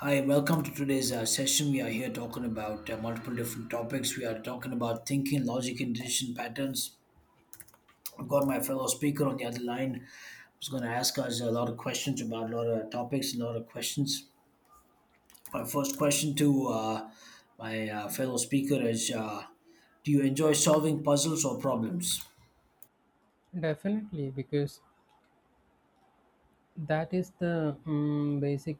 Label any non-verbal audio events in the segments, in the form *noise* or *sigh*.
Hi, welcome to today's session. We are here talking about multiple different topics. We are talking about thinking, logic, and decision patterns. I've got my fellow speaker on the other line who's going to ask us a lot of questions about a lot of topics, a lot of questions. My first question to my fellow speaker is do you enjoy solving puzzles or problems? Definitely, because that is the basic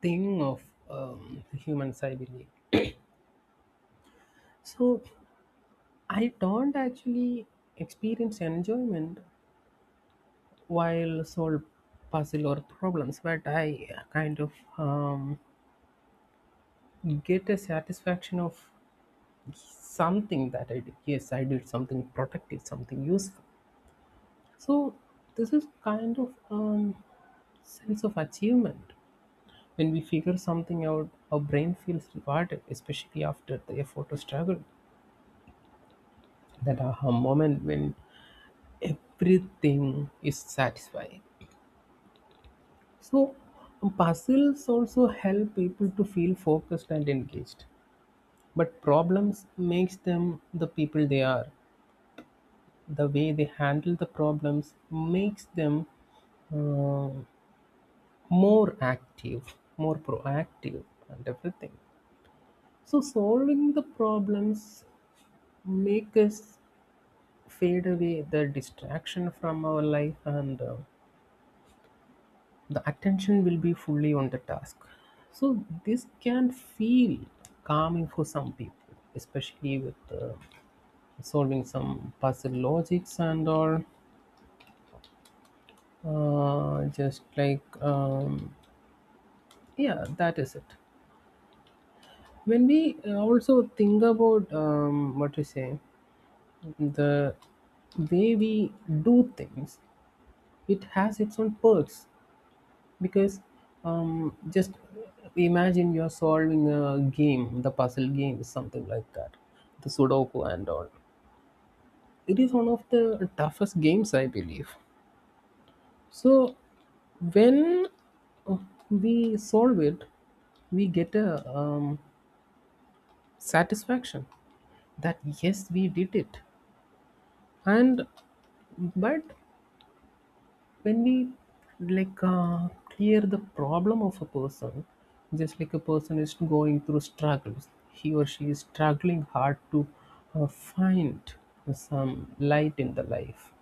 thing of humans, I believe. So, I don't actually experience enjoyment while solve puzzle or problems, but I kind of um, get a satisfaction of something that I did. Yes, I did something productive, something useful. So, this is kind of sense of achievement. When we figure something out, our brain feels rewarded, especially after the effort or struggle. That aha moment when everything is satisfying. So, puzzles also help people to feel focused and engaged. But problems makes them the people they are. The way they handle the problems makes them uh, more active, more proactive, and everything. So, solving the problems make us fade away the distraction from our life, and the attention will be fully on the task, so this can feel calming for some people, especially with solving some puzzle logics and all. Just like Yeah, that is it. When we also think about what to say, the way we do things, it has its own perks. Because just imagine you're solving a game, the puzzle game, something like that, the Sudoku and all. It is one of the toughest games, I believe. So when uh, we solve it, we get a satisfaction that yes, we did it. And but when we like uh, clear the problem of a person, just like a person is going through struggles, he or she is struggling hard to find some light in the life,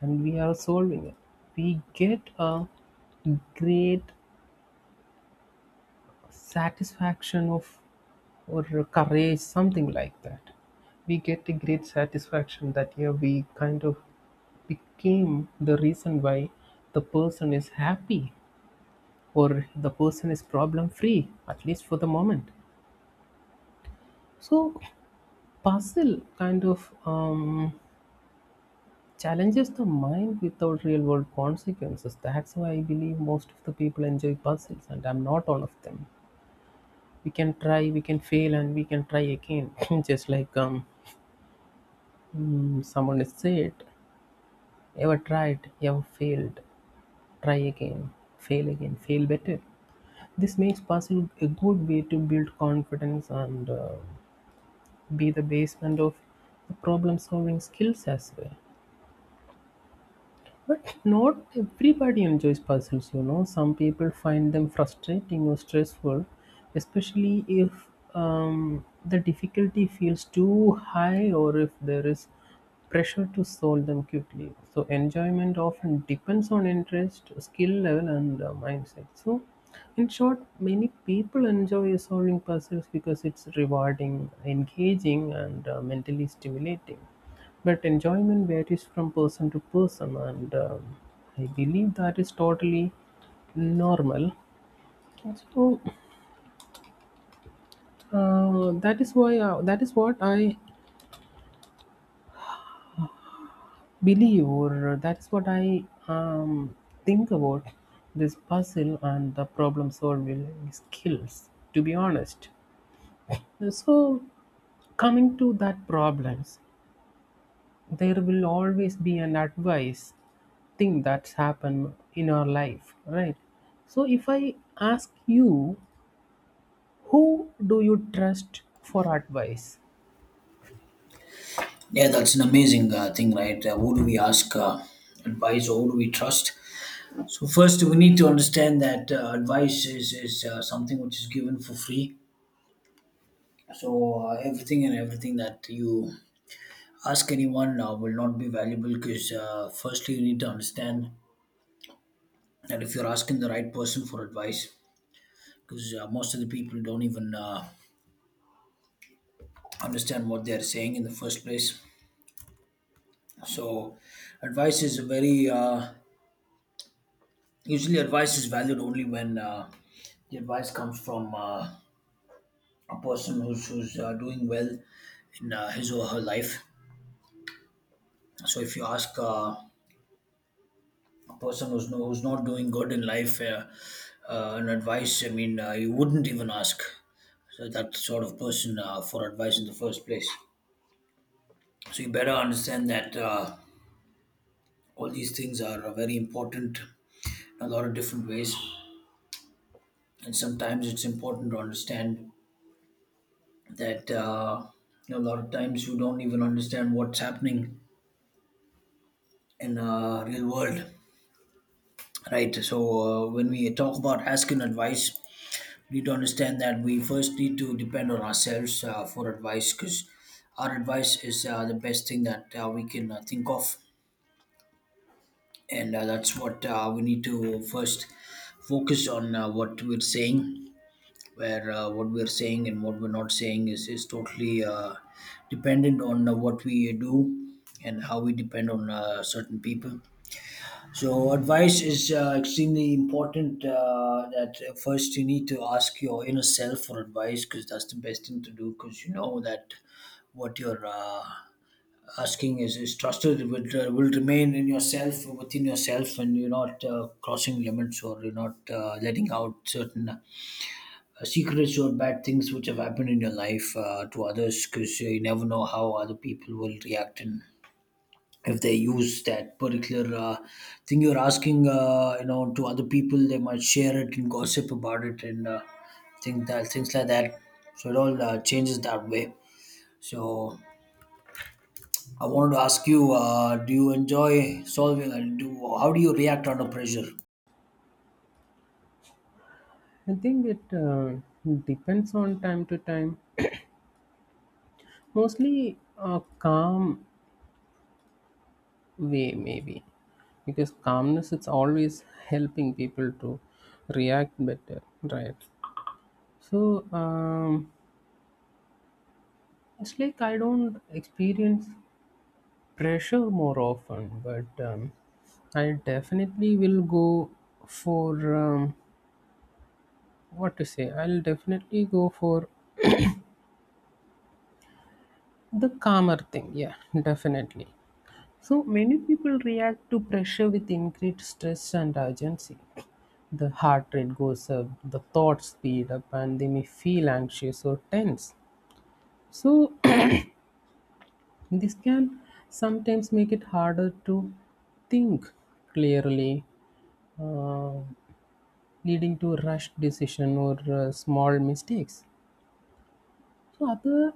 and we are solving it, we get a great satisfaction of or courage, something like that. We get a great satisfaction that yeah, we kind of became the reason why the person is happy or the person is problem free, at least for the moment. So puzzle kind of challenges the mind without real world consequences. That's why I believe most of the people enjoy puzzles, and I'm not all of them. We can try, we can fail, and we can try again. *laughs* *clears throat* just like um, Someone has said, ever tried, ever failed, try again, fail again, fail better. This makes puzzle a good way to build confidence and be the basement of the problem-solving skills as well. But not everybody enjoys puzzles, Some people find them frustrating or stressful, especially if the difficulty feels too high, or if there is pressure to solve them quickly. So, enjoyment often depends on interest, skill level, and mindset. So, in short, many people enjoy solving puzzles because it's rewarding, engaging, and mentally stimulating, but enjoyment varies from person to person, and I believe that is totally normal. So that is why, that is what I believe, or that is what I think about this puzzle and the problem solving skills. To be honest, so coming to that problems, there will always be an advice thing that's happened in our life, right? So if I ask you, who do you trust for advice? Yeah, that's an amazing thing, right? Who do we ask advice or who do we trust? So first, we need to understand that advice is something which is given for free. So everything and everything that you ask anyone will not be valuable because firstly, you need to understand that if you're asking the right person for advice, because most of the people don't even understand what they're saying in the first place. So advice is a very usually advice is valued only when the advice comes from. A person who's doing well in his or her life. So if you ask a person who's no, who's not doing good in life an advice, I mean, you wouldn't even ask so that sort of person for advice in the first place. So you better understand that all these things are very important in a lot of different ways, and sometimes it's important to understand that you know, a lot of times you don't even understand what's happening in real world. Right. So when we talk about asking advice, we need to understand that we first need to depend on ourselves for advice because our advice is the best thing that we can think of, and that's what we need to first focus on what we're saying, where what we're saying and what we're not saying is totally dependent on what we do and how we depend on certain people. So advice is extremely important. That first you need to ask your inner self for advice because that's the best thing to do. Because you know that what you're asking is trusted. It will remain in yourself, within yourself, and you're not crossing limits or you're not letting out certain secrets or bad things which have happened in your life to others. Because you never know how other people will react, and if they use that particular thing you're asking, you know, to other people, they might share it and gossip about it and think that, things like that. So it all changes that way. So I wanted to ask you, do you enjoy solving, and do how do you react under pressure? I think it depends on time to time. Mostly a calm way, maybe, because calmness is always helping people to react better, right? So it's like I don't experience pressure more often, but I definitely will go for, what to say, I'll definitely go for the calmer thing. Yeah, *laughs* definitely. So many people react to pressure with increased stress and urgency. The heart rate goes up, the thoughts speed up, and they may feel anxious or tense. So *clears throat* this can sometimes make it harder to think clearly, uh, leading to rushed decision or small mistakes. So other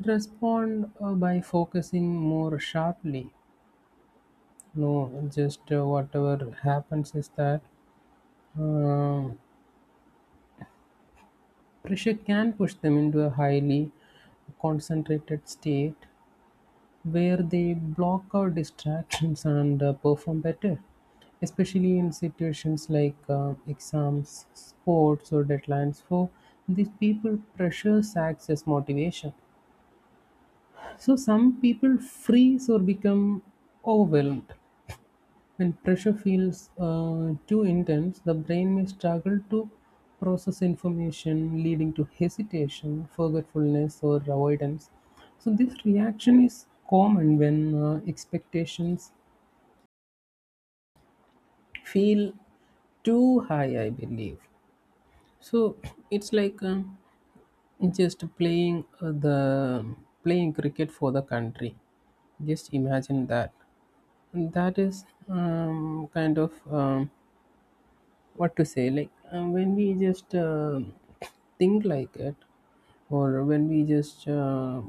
respond by focusing more sharply. No, just whatever happens is that uh, pressure can push them into a highly concentrated state where they block out distractions and perform better, especially in situations like exams, sports, or deadlines. For these people, pressure acts as motivation. So some people freeze or become overwhelmed, when pressure feels too intense, the brain may struggle to process information, leading to hesitation, forgetfulness, or avoidance. So, this reaction is common when expectations feel too high, I believe. So, it's like just playing the playing cricket for the country. Just imagine that. And that is kind of, what to say, like when we just think like it, or when we just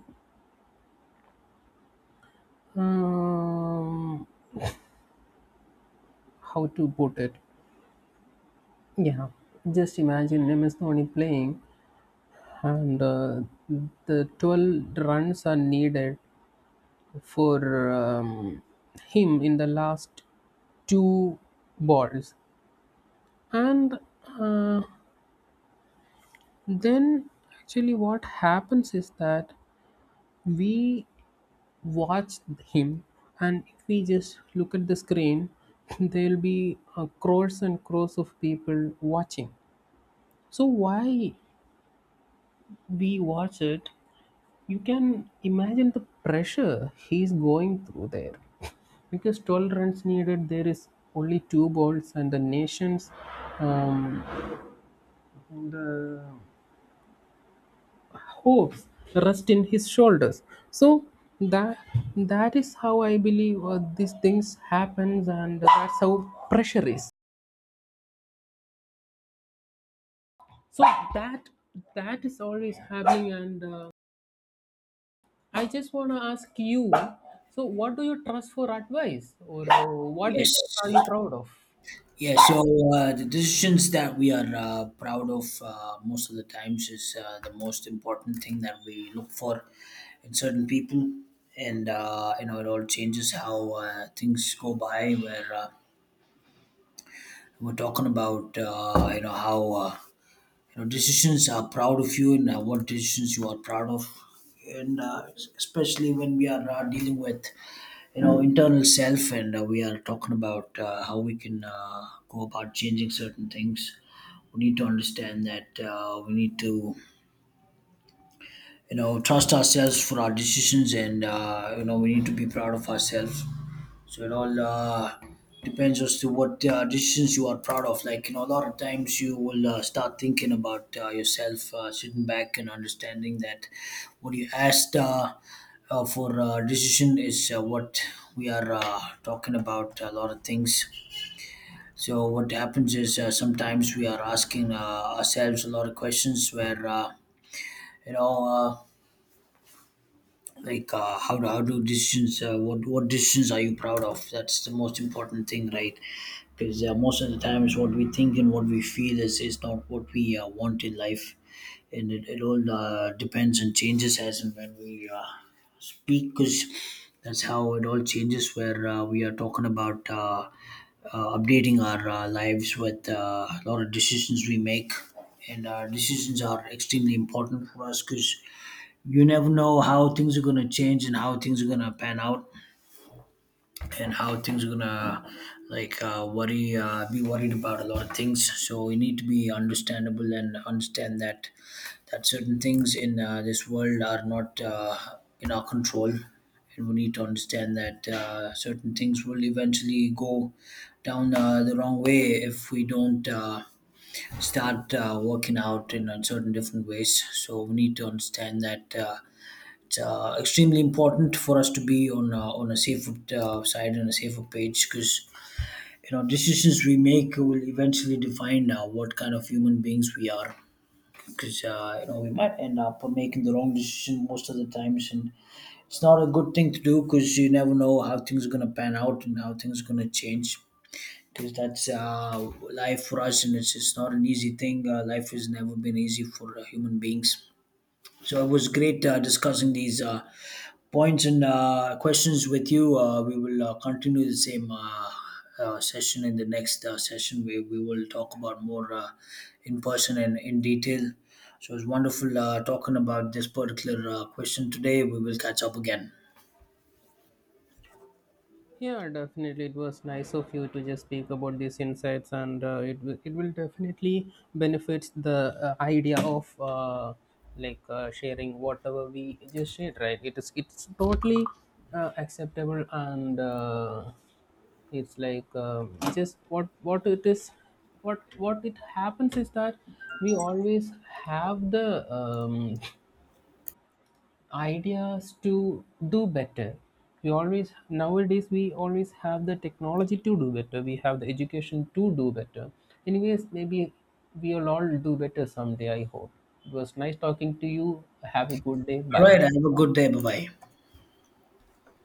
um, how to put it. Yeah, just imagine MS Dhoni playing, and the 12 runs are needed for um, him in the last two balls, and uh, then actually what happens is that we watch him, and if we just look at the screen, *laughs* there'll be crores and crores of people watching. So why we watch it, you can imagine the pressure he's going through there. *laughs* Because tolerance needed there is only two balls, and the nation's um, hopes rest in his shoulders. So that that is how I believe these things happens, and that's how pressure is. So that that is always happening, and I just want to ask you, so what do you trust for advice, or what is it are you Yes. proud of? Yeah, so the decisions that we are proud of most of the times is the most important thing that we look for in certain people, and you know, it all changes how things go by. Where we're talking about you know, how you know, decisions are proud of you, and what decisions you are proud of, and especially when we are dealing with, you know, internal self, and we are talking about how we can go about changing certain things. We need to understand that we need to, you know, trust ourselves for our decisions, and you know, we need to be proud of ourselves. So it all depends as to what decisions you are proud of, like you know, a lot of times you will start thinking about yourself sitting back and understanding that what you asked for decision is what we are talking about, a lot of things. So what happens is sometimes we are asking ourselves a lot of questions where you know like how do decisions, what decisions are you proud of? That's the most important thing, right? Because most of the times what we think and what we feel is not what we want in life. And it all depends and changes as and when we speak. Because that's how it all changes, where we are talking about updating our lives with a lot of decisions we make. And decisions are extremely important for us, because you never know how things are going to change and how things are going to pan out and how things are going to, like, worry, be worried about a lot of things. So you need to be understandable and understand that certain things in this world are not in our control. And we need to understand that certain things will eventually go down the wrong way if we don't start working out in certain different ways. So we need to understand that it's extremely important for us to be on a safer side and a safer page, because you know, decisions we make will eventually define what kind of human beings we are. Because you know, we might end up making the wrong decision most of the times, and it's not a good thing to do because you never know how things are going to pan out and how things are going to change. Because that's life for us, and it's not an easy thing. Life has never been easy for human beings. So it was great discussing these points and questions with you. We will continue the same session in the next session, where we will talk about more in person and in detail. So it was wonderful talking about this particular question today. We will catch up again. Yeah, definitely. It was nice of you to just speak about these insights, and it will definitely benefit the idea of, sharing whatever we just shared. Right? It's totally acceptable, and it's like just what it is, what it happens is that we always have the ideas to do better. We always nowadays we always have the technology to do better. We have the education to do better. Anyways, maybe we'll all do better someday. I hope. It was nice talking to you. Have a good day. All Bye. right. Have a good day. Bye bye.